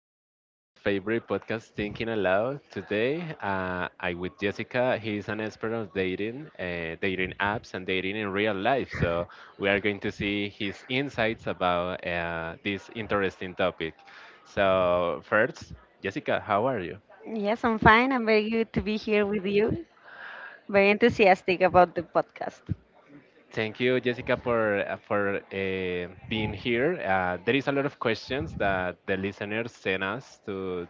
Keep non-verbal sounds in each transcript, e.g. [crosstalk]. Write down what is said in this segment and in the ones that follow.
episode of your favorite podcast, Thinking Aloud. Today, I with Jessica. He's an expert on dating, dating apps, and dating in real life. So we are going to see his insights about this interesting topic. So first, Jessica, how are you? Yes, I'm fine. I'm very good to be here with you. Very enthusiastic about the podcast. Thank you, Jessica, for being here. There is a lot of questions that the listeners send us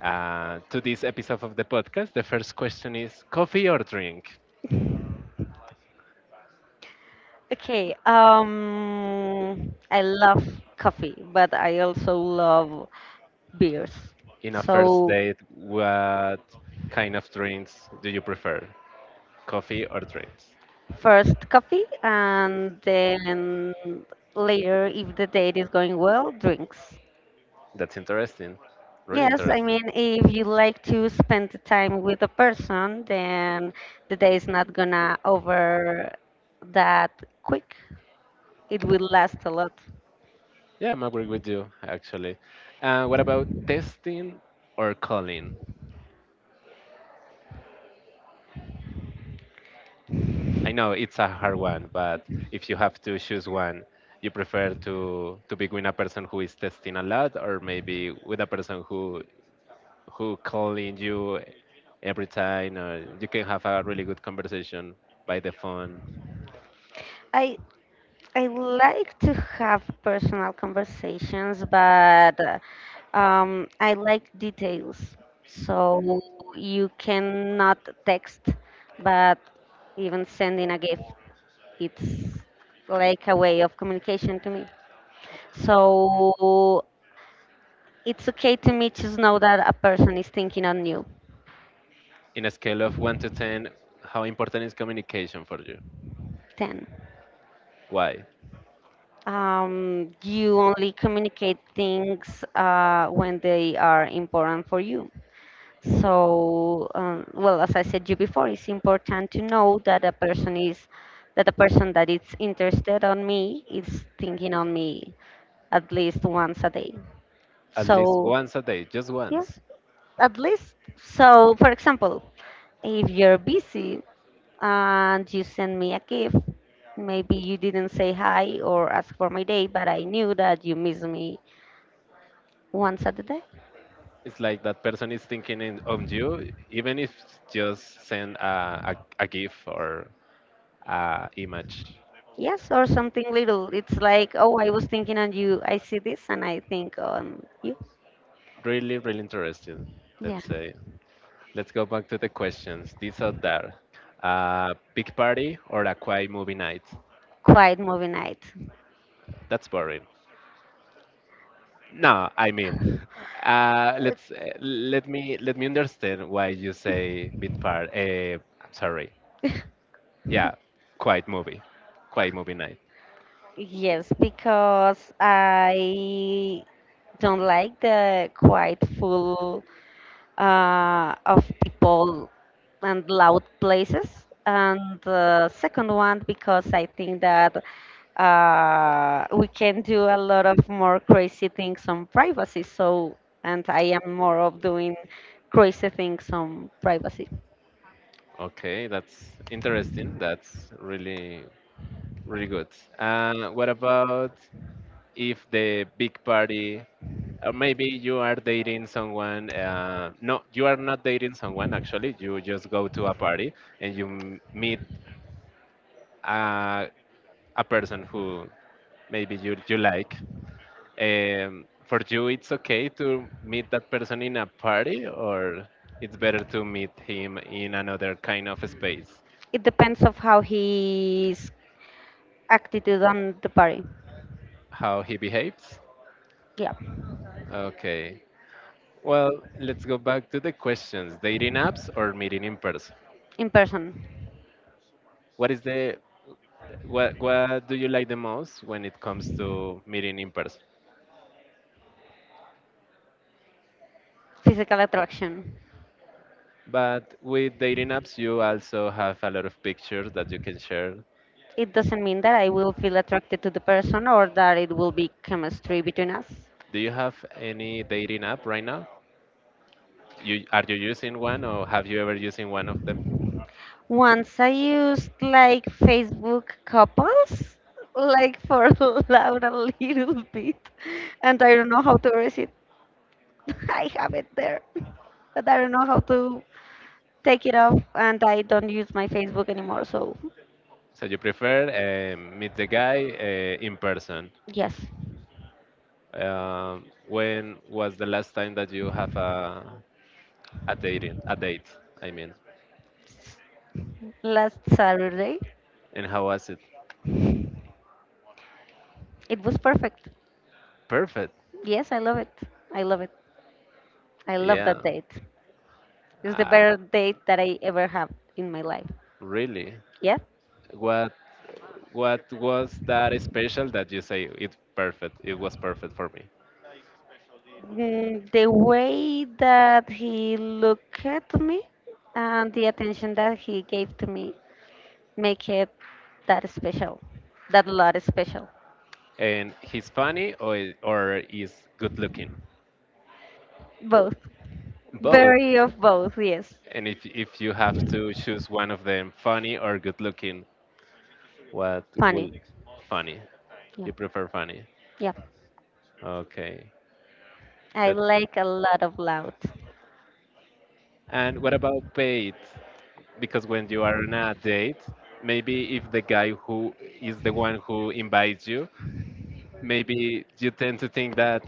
to this episode of the podcast. The first question is coffee or drink? Okay, I love coffee, but I also love beers. In a first So date, what kind of drinks do you prefer? Coffee or drinks? first coffee, and then later, if the date is going well, drinks. That's interesting. Really Yes, I interesting. mean, if you like to spend the time with a person, then the day is not gonna over that quick. It will last a lot. Yeah, I'm agree with you, actually. What about testing or calling? I know it's a hard one, but if you have to choose one, you prefer to be with a person who is testing a lot, or maybe with a person who calling you every time or you can have a really good conversation by the phone I I like to have personal conversations, but I like details. So you cannot text, but even sending a gift, it's like a way of communication to me. So it's okay to me to know that a person is thinking on you. in a scale of 1 to 10. How important is communication for you? 10. Why You only communicate things when they are important for you. So, as I said you before, it's important to know that a person is that a person that is interested on me is thinking on me at least once a day. at least So, once a day, just yes, once? at least. So, for example, if you're busy and you send me a gift, maybe you didn't say hi or ask for my day, but I knew that you miss me once a day. It's like that person is thinking in, of you, even if just send a, a gif or a image. Yes, or something little. It's like, oh, I was thinking on you. I see this and I think on you. Really really interesting. Yeah. Let's say let's go back to the questions. These are there a big party or a quiet movie night? Quiet movie night. That's boring. No, I mean, let me understand why you say bit part. Sorry, yeah, quiet movie, quiet movie night. Yes, because I don't like the quite full of people and loud places. And the second one, because I think that we can do a lot of more crazy things on privacy. So, and I am more of doing crazy things on privacy. Okay, that's interesting. That's really really good. What about if the big party? Or maybe you are dating someone. No, you are not dating someone. Actually, you just go to a party and you meet uh, a person who maybe you like. For you, it's okay to meet that person in a party, or it's better to meet him in another kind of space? It depends of how his attitude on the party. How he behaves? Yeah, Okay. Well, let's go back to the questions: dating apps or meeting in person? in person, What is the what do you like the most when it comes to meeting in person? physical attraction. But with dating apps, you also have a lot of pictures that you can share. It doesn't mean that I will feel attracted to the person or that it will be chemistry between us. Do you have any dating app right now? You are you using one or have you ever using one of them? Once I used like Facebook couples, like for [laughs] loud a little bit, and I don't know how to erase it. [laughs] I have it there, but I don't know how to take it off, and I don't use my Facebook anymore. So, So you prefer meet the guy in person. yes, When was the last time that you have a dating a date? I mean, last Saturday, and how was it? it was perfect. Perfect. Yes, I love it. I love it. I love Yeah. that date. It's the Uh, better date that I ever have in my life. really. Yeah. What what was that special that you say it's perfect? It was perfect for me. The way that he looked at me and the attention that he gave to me make it that special, that a lot special. And he's funny or or is good looking? Both. Both. Very of both, yes. And if you have to choose one of them, funny or good looking, what Funny. would funny? Yeah. You prefer funny. Yeah. Okay. I That's like a lot of loud. and what about paid? Because when you are on a date, maybe if the guy who is the one who invites you, maybe you tend to think that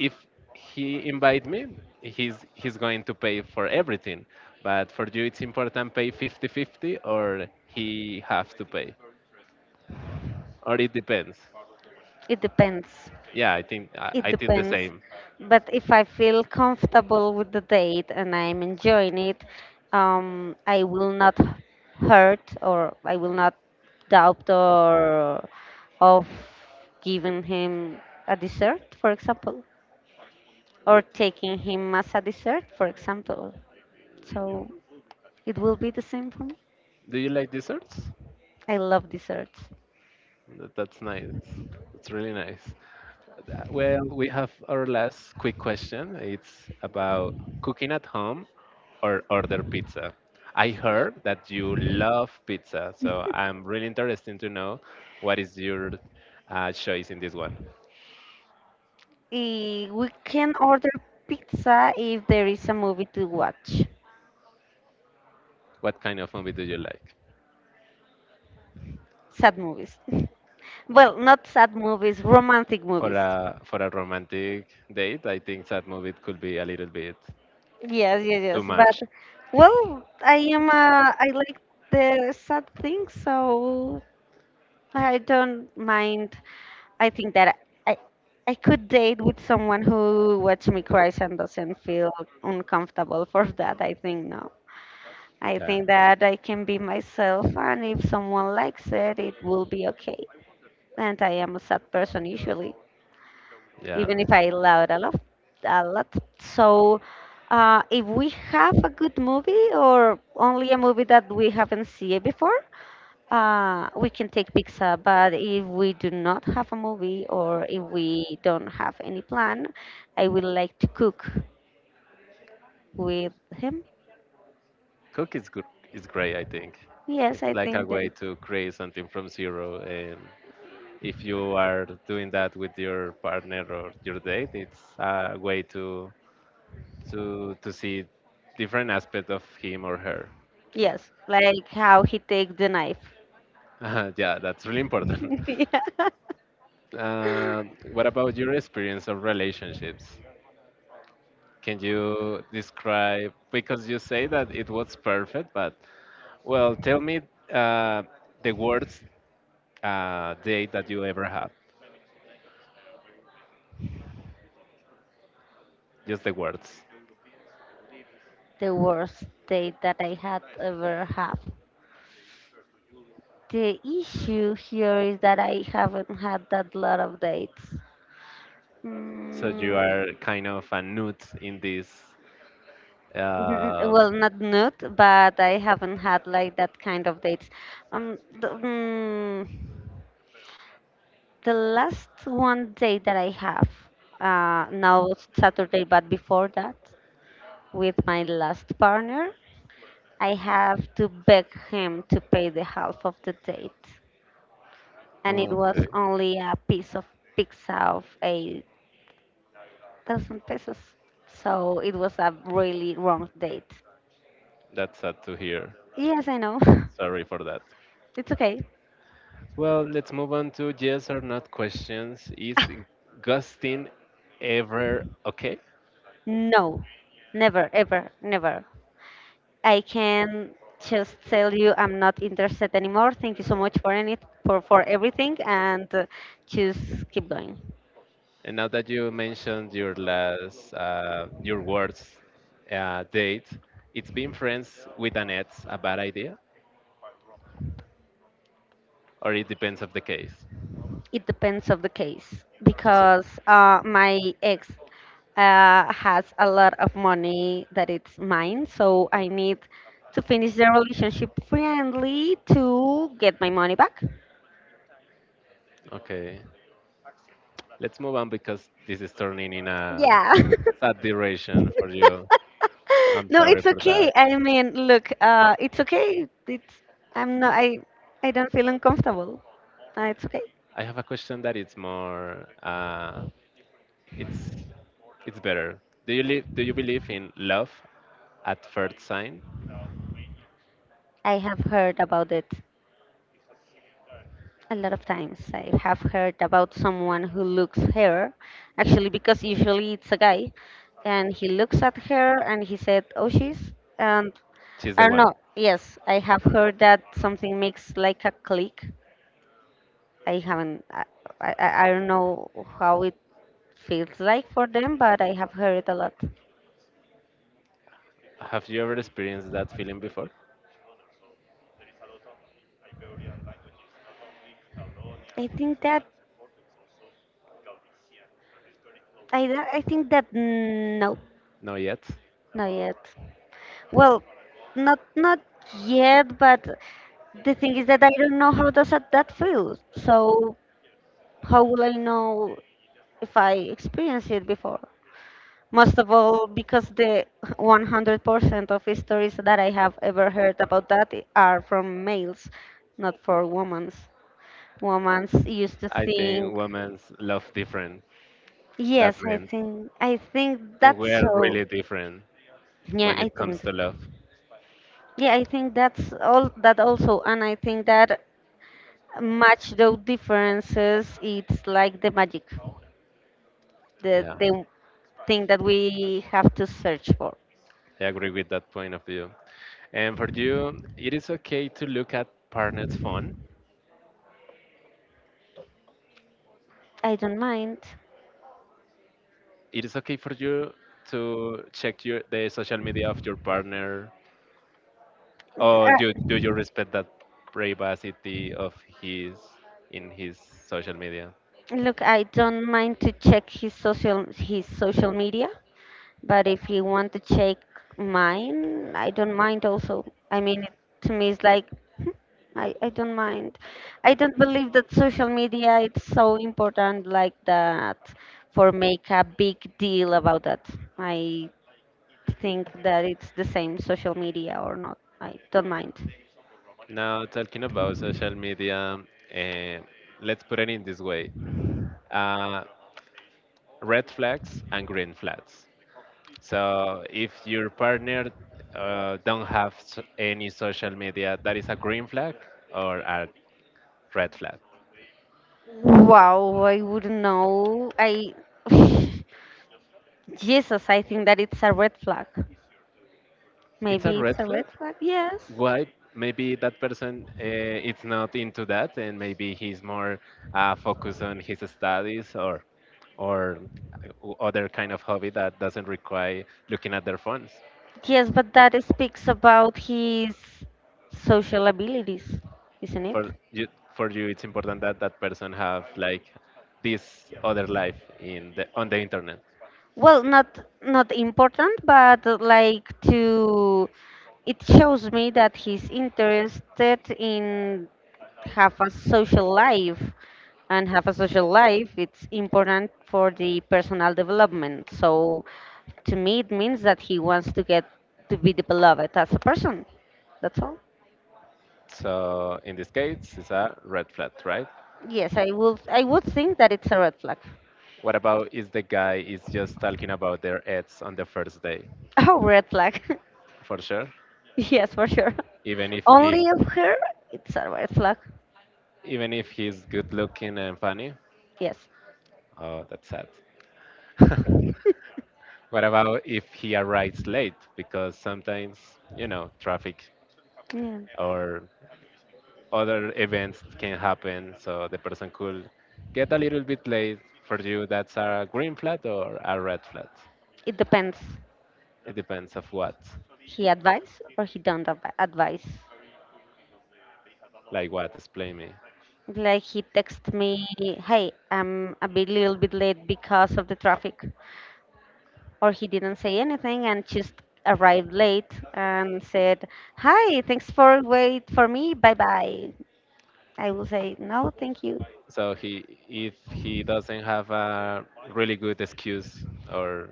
if he invite me, he's going to pay for everything. But for you it's important pay fifty-fifty, or he have to pay. Or it depends. It depends. Yeah, It I think the depends. same. But if I feel comfortable with the date and I'm enjoying it, I will not hurt or I will not doubt or of giving him a dessert, for example, or taking him as a dessert, for example. So it will be the same for me. Do you like desserts? I love desserts. That's nice. That's really nice. Well, we have our last quick question. It's about cooking at home or order pizza. I heard that you love pizza, so I'm really interested to know what is your choice in this one. We can order pizza if there is a movie to watch. What kind of movie do you like? Sad movies. [laughs] Well, not sad movies, romantic For movies. a romantic date, I think that movie could be a little bit Yes, yes, too yes. much. But well, I am. I like the sad things, so I don't mind. I think that I I could date with someone who watch me cry and doesn't feel uncomfortable for that. I think no. I Yeah, think that I can be myself, and if someone likes it, it will be okay. And I am a sad person usually. yeah. Even if I love a lot. A lot. So, if we have a good movie or only a movie that we haven't seen before, we can take pizza. But if we do not have a movie or if we don't have any plan, I would like to cook with him. Cook is good. Is great. I think Yes, it's I like a think that way it. to create something from zero. And if you are doing that with your partner or your date, it's a way to see different aspect of him or her. Yes, like how he take the knife. [laughs] Yeah, that's really important. [laughs] [laughs] Yeah. What about your experience of relationships? Can you describe? Because you say that it was perfect, but well, tell me uh, the worst date that you ever had. Just the words. The worst date that I had ever have. The issue here is that I haven't had that lot of dates. So you Mm, are kind of a newt in this. Um, well, not nude, but I haven't had like that kind of dates. Um, the, mm, the last one date that I have, now it's Saturday, but before that, with my last partner, I have to beg him to pay the half of the date, and it was okay, only a piece of pizza of a 1,000 pesos. So it was a really wrong date. that's sad to hear. Yes, I know. [laughs] Sorry for that. It's okay. Well, let's move on to yes or not questions. Is [laughs] ghosting ever okay? No, never, ever, never. I can just tell you I'm not interested anymore. Thank you so much for any for everything, and just keep going. And now that you mentioned your last, your words, date, it's being friends with an ex a bad idea, or it depends of the case. It depends of the case So, because my ex has a lot of money that it's mine, so I need to finish the relationship friendly to get my money back. okay. Let's move on because this is turning in a Yeah. sad duration for you. [laughs] I'm No, sorry it's for okay. that. I mean, look, it's okay. It's I'm not I I don't feel uncomfortable. It's okay. I have a question that it's more, it's it's better. Do you believe in love at first sign? I have heard about it. A lot of times I have heard about someone who looks her, actually, because usually it's a guy, and he looks at her and he said, "Oh, she's," and She's the I don't one. know. Yes, I have heard that something makes like a click. I haven't. I don't know how it feels like for them, but I have heard it a lot. Have you ever experienced that feeling before? I think that I think that no, No, yet. not yet. Well, not yet, but the thing is that I don't know how does that feel. So how will I know if I experienced it before? Most of all, because the 100% of stories that I have ever heard about are from males, not for women's. Women's used to I think, think women's love different. That yes, means I think that that's we're so. really different Yeah, when I it comes think. to love. Yeah, I think that's all that also, and I think that match those differences it's like the magic the Yeah. the thing that we have to search for. I agree with that point of view. And for you, it is okay to look at partner's phone. I don't mind. It is okay for you to check your the social media of your partner, or do you Uh, respect that privacy of his in his social media? Look, I don't mind to check his social media. But if you want to check mine, I don't mind also. I mean, it, to me, it's like, hmm, I don't mind. I don't believe that social media it's so important like that for make a big deal about that. I think that it's the same social media or not. I don't mind. Now talking about social media, eh, let's put it in this way: uh, red flags and green flags. So if your partner don't have s any social media, that is a green flag or a red flag. Wow, I wouldn't know. I [sighs] Jesus, I think that it's a red flag. It's a Maybe red it's a flag. red flag. Yes. Why? Maybe that person is not into that, and maybe he's more focused on his studies or other kind of hobby that doesn't require looking at their phones. Yes, but that speaks about his social abilities, isn't it? For you, for you, it's important that that person have like this other life in the on the internet. Well, not important, but like to it shows me that he's interested in have a social life, and have a social life it's important for the personal development. So to me it means that he wants to get to be developed as a person, that's all. So in this case, it's a red flag, right? Yes, I would think that it's a red flag. What about if the guy is just talking about their ex on the first day? [laughs] Oh, red flag. For sure. [laughs] Yes, for sure. Even if [laughs] he, Only of her, it's a red flag. even if he's good looking and funny. Yes. Oh, that's sad. [laughs] [laughs] What about if he arrives late? Because sometimes, you know, traffic Yeah. or other events can happen, so the person could get a little bit late. For you, that's a green flag or a red flag. It depends. It depends of what. He advise or he don't advi- advise. Like what? Explain me. Like he text me, hey, I'm a bit little bit late because of the traffic, or he didn't say anything and just arrived late and said, hi, thanks for wait for me, bye bye. I will say no, thank you. So he, if he doesn't have a really good excuse or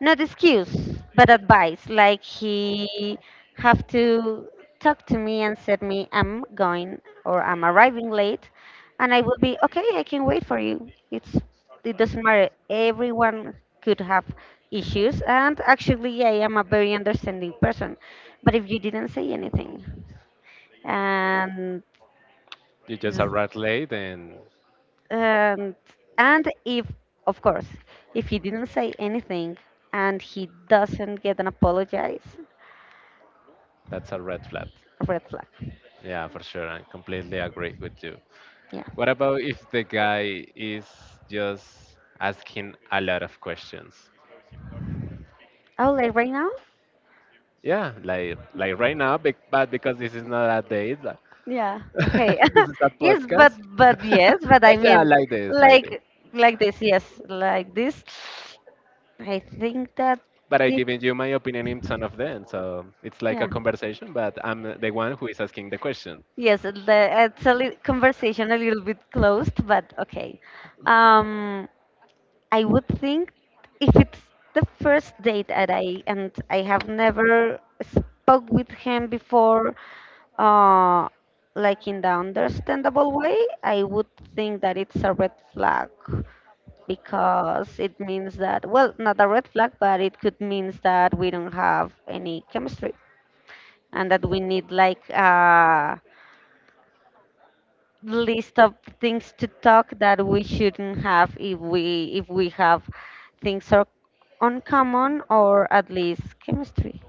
Not excuse but advice, like he have to talk to me and said me I'm going or I'm arriving late, and I will be okay. I can wait for you. It's, it doesn't matter, everyone could have issues, and actually I am a very understanding person. But if you didn't say anything and you just arrived late, then and and if of course if he didn't say anything and he doesn't get an apologize. that's a red flag. Red flag. Yeah, for sure. I completely agree with you. Yeah. What about if the guy is just asking a lot of questions? Oh, like right now? Yeah, like right now, but because this is not a date, like, Yeah. Okay. [laughs] this is [laughs] a Yes, but podcast. [laughs] I But yeah, mean, like this, like this. like this. Yes, like this. I think that But I did. given you my opinion in some of them, so it's like a Yeah. conversation, but I'm the one who is asking the question. Yes, the, it's a conversation a little bit closed, but okay. Um, I would think if it's the first date that I have never spoke with him before, uh, like in the understandable way, I would think that it's a red flag because it means that, well, not a red flag, but it could means that we don't have any chemistry and that we need like list of things to talk that we shouldn't have if we have things are uncommon or at least chemistry.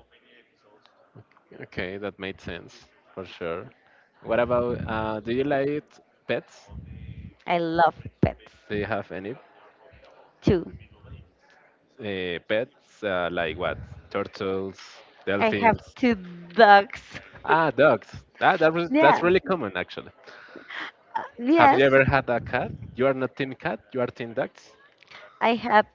Okay, that made sense for sure. What about do you like pets? I love Do pets you have any too. Pets like what? Turtles, I have dolphins? 2 dogs. Ah, dogs. Ah, that was, that's Yeah. really common actually. Have Yes. you ever had a cat? You are not team cat, you are team dogs. I had,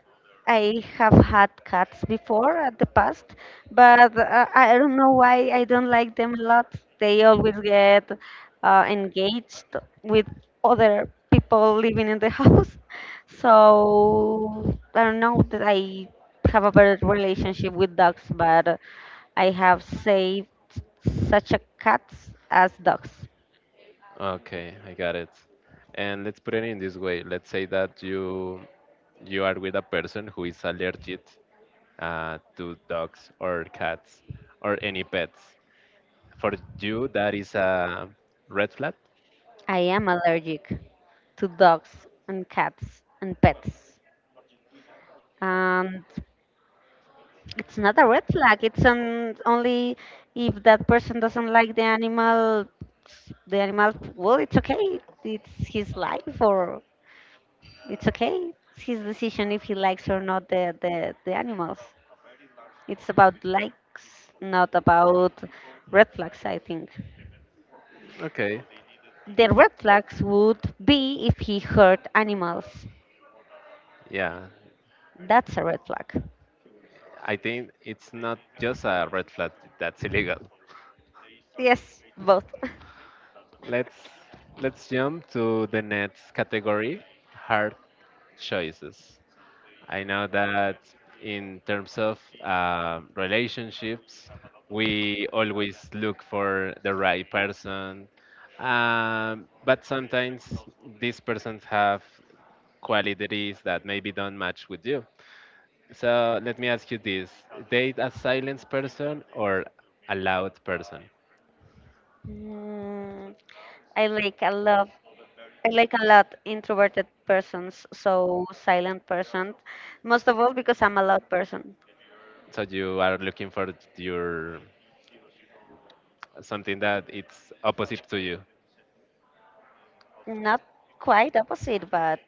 I have had cats before at the past, but I don't know why I don't like them a lot. They always get engaged with other people living in the [laughs] house, so I don't know that I have a better relationship with dogs, but I have saved such a cats as dogs. Okay, I got it. And let's put it in this way. Let's say that you are with a person who is allergic to dogs or cats or any pets. For you, that is a red flag. I am allergic to dogs and cats and pets. And it's not a red flag. It's on only if that person doesn't like the animal. Well, it's okay. It's his life, or it's okay. It's his decision if he likes or not the animals. It's about likes, not about red flags. I think Okay, the red flags would be if he hurt animals. yeah. That's a red flag. I think it's not just a red flag, that's illegal. Yes, both. [laughs] Let's let's jump to the next category, hard choices. I know that in terms of relationships, we always look for the right person, but sometimes these persons have qualities that maybe don't match with you. So let me ask you this: date a silent person or a loud person? Mm, I like a lot. I like a lot introverted persons, so silent person. Most of all because I'm a loud person. So you are looking for your something that it's opposite to you. Not quite opposite, but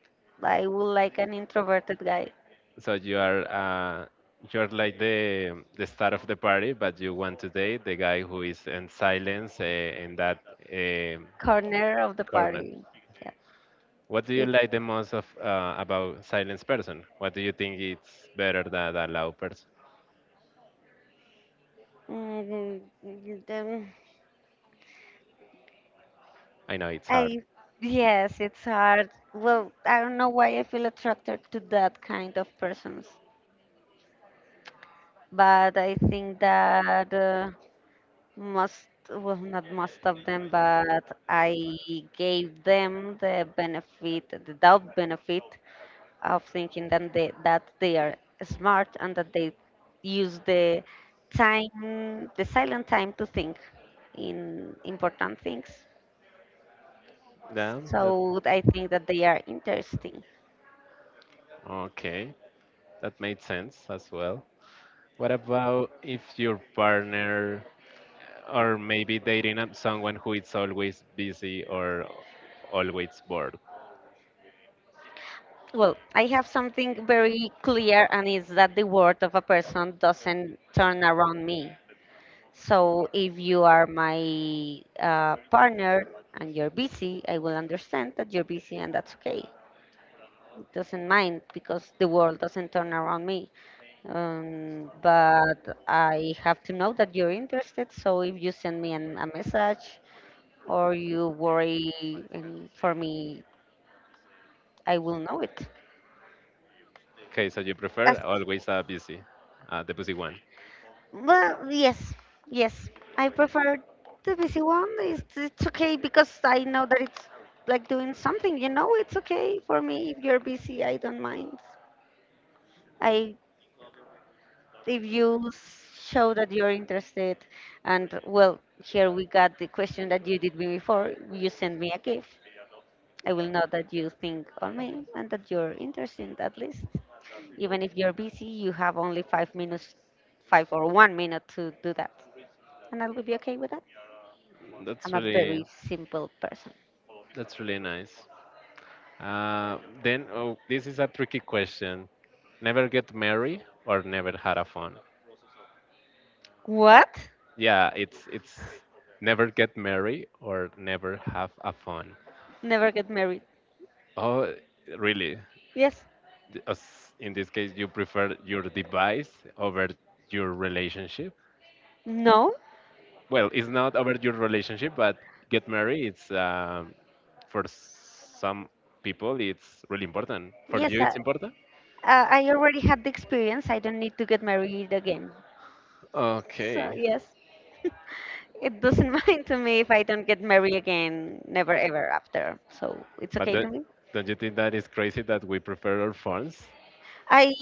I would like an introverted guy. So you are you're like the star of the party, but you want to date the guy who is in silence in that um Corner of the corner. party. Yeah. What do you It, like the most of about silence person? What do you think it's better than a loud person? mm, then I know it's hard. I yes, it's hard. Well, I don't know why I feel attracted to that kind of persons, but I think that. Most Well, not most of them, but I gave them the benefit, the doubt benefit of thinking that they are smart and that they use the time, the silent time to think in important things. Damn, that So I think that they are interesting. okay. That made sense as well. What about if your partner or maybe dating up someone who is always busy or always bored? Well, I have something very clear, and is that the word of a person doesn't turn around me. So if you are my partner and you're busy, I will understand that you're busy and that's okay. It doesn't mind because the world doesn't turn around me. But I have to know that you're interested. So if you send me a message or you worry for me, I will know it. Okay, so you prefer always a busy, the busy one. Well, yes, yes. I prefer the busy one. It's okay because I know that it's like doing something, you know, it's okay for me if you're busy, I don't mind. I If you show that you're interested and well, here we got the question that you did me before, you send me a gift. I will know that you think on me and that you're interested at least. Even if you're busy, you have only 5 minutes, 5 or 1 minute to do that, and I will be okay with that. I'm That's a really very simple person. that's really nice. Then oh, this is a tricky question. Never get married or never had a fun. What? Yeah, it's never get married or never have a fun. Never get married. Oh, really? Yes. In this case, you prefer your device over your relationship? No? Well, it's not over your relationship, but get married. It's for some people, it's really important. For Yes, you, I, it's important. I I already had the experience. I don't need to get married again. So, Okay, yes. [laughs] It doesn't mind to me if I don't get married again, never ever after. So it's but okay to me. don't you think that is crazy that we prefer our phones? I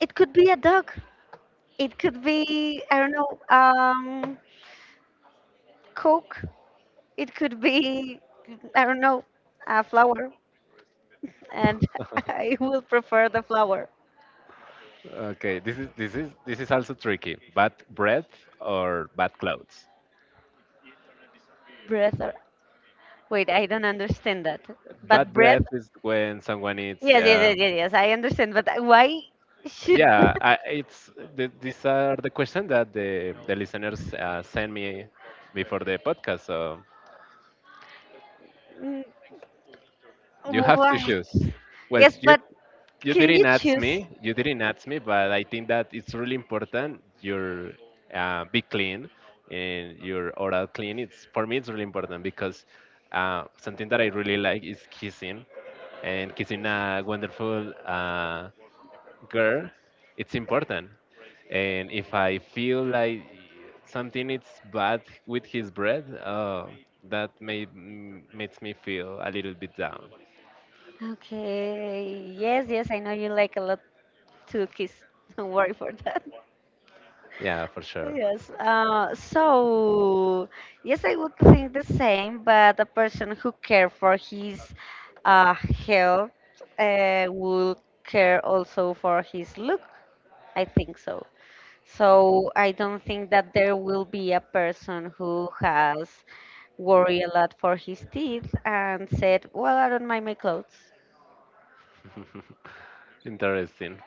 It could be a dog. It could be I don't know, coke. It could be I don't know, a flower, and [laughs] I [laughs] will prefer the flower. Okay, this is also tricky. Bad breath or bad clothes. Breath or wait, I don't understand that. Bad But breath, breath is when someone eats. yes, yes, yes, yes, yes, I understand. But why should Yeah, [laughs] I, it's these are the questions that the listeners send me before the podcast. So Mm, you have to what? choose. Well, Yes, but can you choose? You didn't ask me, but I think that it's really important. Your be clean and your oral clean. It's for me, it's really important because something that I really like is kissing, and kissing a wonderful girl, it's important. And if I feel like something is bad with his breath, makes me feel a little bit down. Okay. Yes, yes, I know you like a lot to kiss. [laughs] Don't worry for that. Yeah, for sure. Yes. So yes, I would think the same, but a person who cares for his uh, health will care also for his look. I think so. So I don't think that there will be a person who has worried a lot for his teeth and said, "Well, I don't mind my clothes." [laughs] Interesting.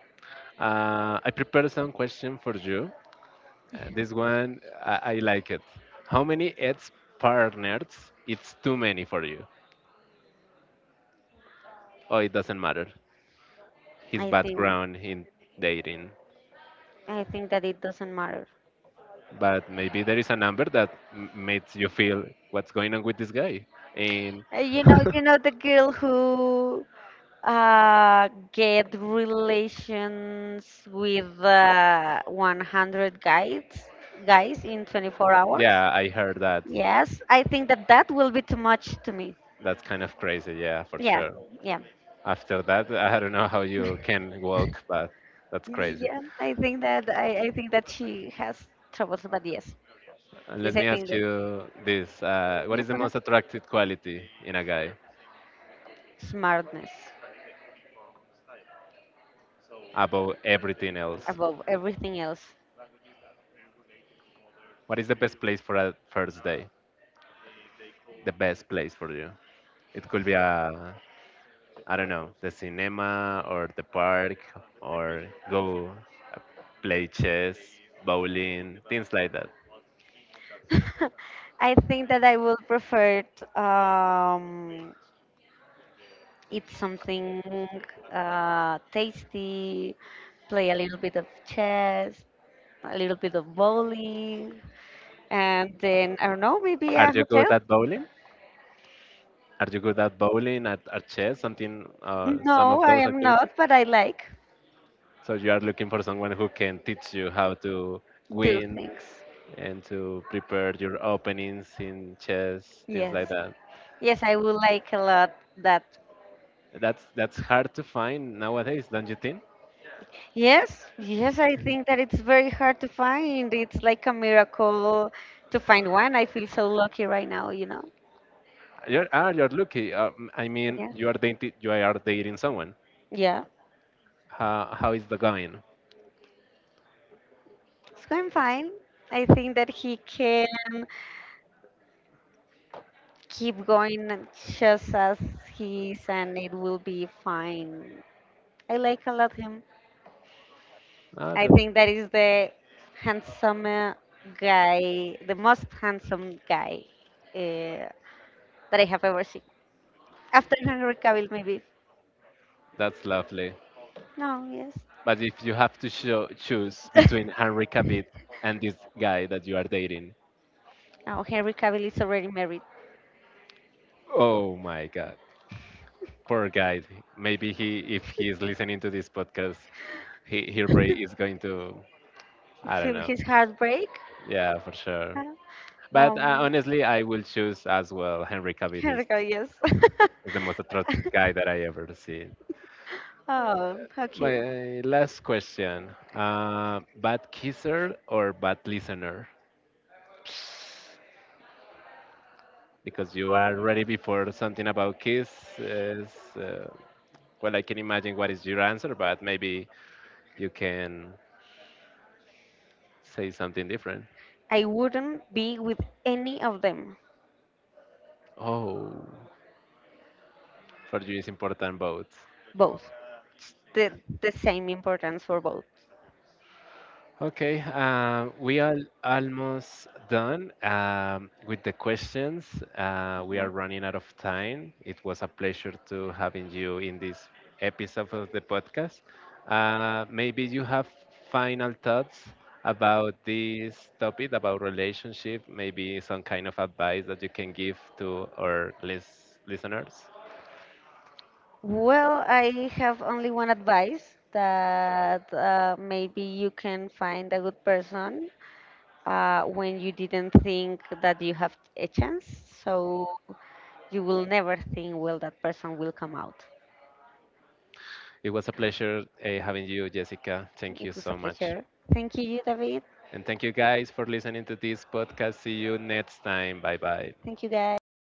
I prepared some question for you. [laughs] This one, I like it. How many ex partners? It's too many for you. Oh, it doesn't matter. His I think background in dating. I think that it doesn't matter. But maybe there is a number that makes you feel what's going on with this guy and You know, [laughs] you know the girl who uh, get relations with 100 guys in 24 hours. yeah, I heard that. Yes, I think that that will be too much to me. That's kind of crazy, yeah, for Yeah, sure. yeah. After that I don't know how you can walk, but that's crazy. Yeah, I think that I think that she has troubles, but yes, And let yes, I me think ask that you this what yeah, is the go ahead. most attractive quality in a guy Smartness above everything else? above everything else. What is the best place for a first day? The best place for you? It could be a, I don't know, the cinema or the park or go uh, play chess, bowling, things like that. [laughs] I think that I will prefer eat something tasty, play a little bit of chess, a little bit of bowling, and then I don't know, maybe Are a you hotel. good at bowling? Are you good at bowling, at chess, something, some of No, I those am not, activities? but I like So you are looking for someone who can teach you how to do win things. and to prepare your openings in chess, things like Yes. that. Yes, I would like a lot that. That's hard to find nowadays, don't you think? Yes, yes, I think that it's very hard to find. It's like a miracle to find one. I feel so lucky right now, you know. You're, ah, you're lucky. I mean, Yeah. You are dating someone. Yeah. How is the going? It's going fine. I think that he can keep going and just as he is and it will be fine. I like a lot him. Ah, I that, think that is the handsome guy, the most handsome guy uh, that I have ever seen. After Henry Cavill, maybe. that's lovely. No, yes. But if you have to choose between [laughs] Henry Cavill and this guy that you are dating, Oh, Henry Cavill is already married. oh my God, poor guy. Maybe if he is listening to this podcast, he probably is going to, I don't Feel know. his heartbreak. Yeah, for sure. Huh? But Um, honestly, I will choose as well. Henry Cavill Henry Cavill, yes. is the most attractive guy that I ever see. [laughs] Oh, how cute. My last question. Bad kisser or bad listener? Because you are ready before something about kiss is, uh, well, I can imagine what is your answer, but maybe you can say something different. I wouldn't be with any of them. Oh, for you it's important both. Both. It's the same importance for both. Okay, we are almost done with the questions. We are Yeah. running out of time. It was a pleasure to having you in this episode of the podcast. Maybe you have final thoughts about this topic, about relationship, maybe some kind of advice that you can give to our listeners. Well, I have only one advice that maybe you can find a good person when you didn't think that you have a chance. So you will never think, well, that person will come out. It was a pleasure having you, Jessica. Thank you It was a so much. pleasure. Thank you, David. And thank you guys for listening to this podcast. See you next time. Bye bye. Thank you, guys.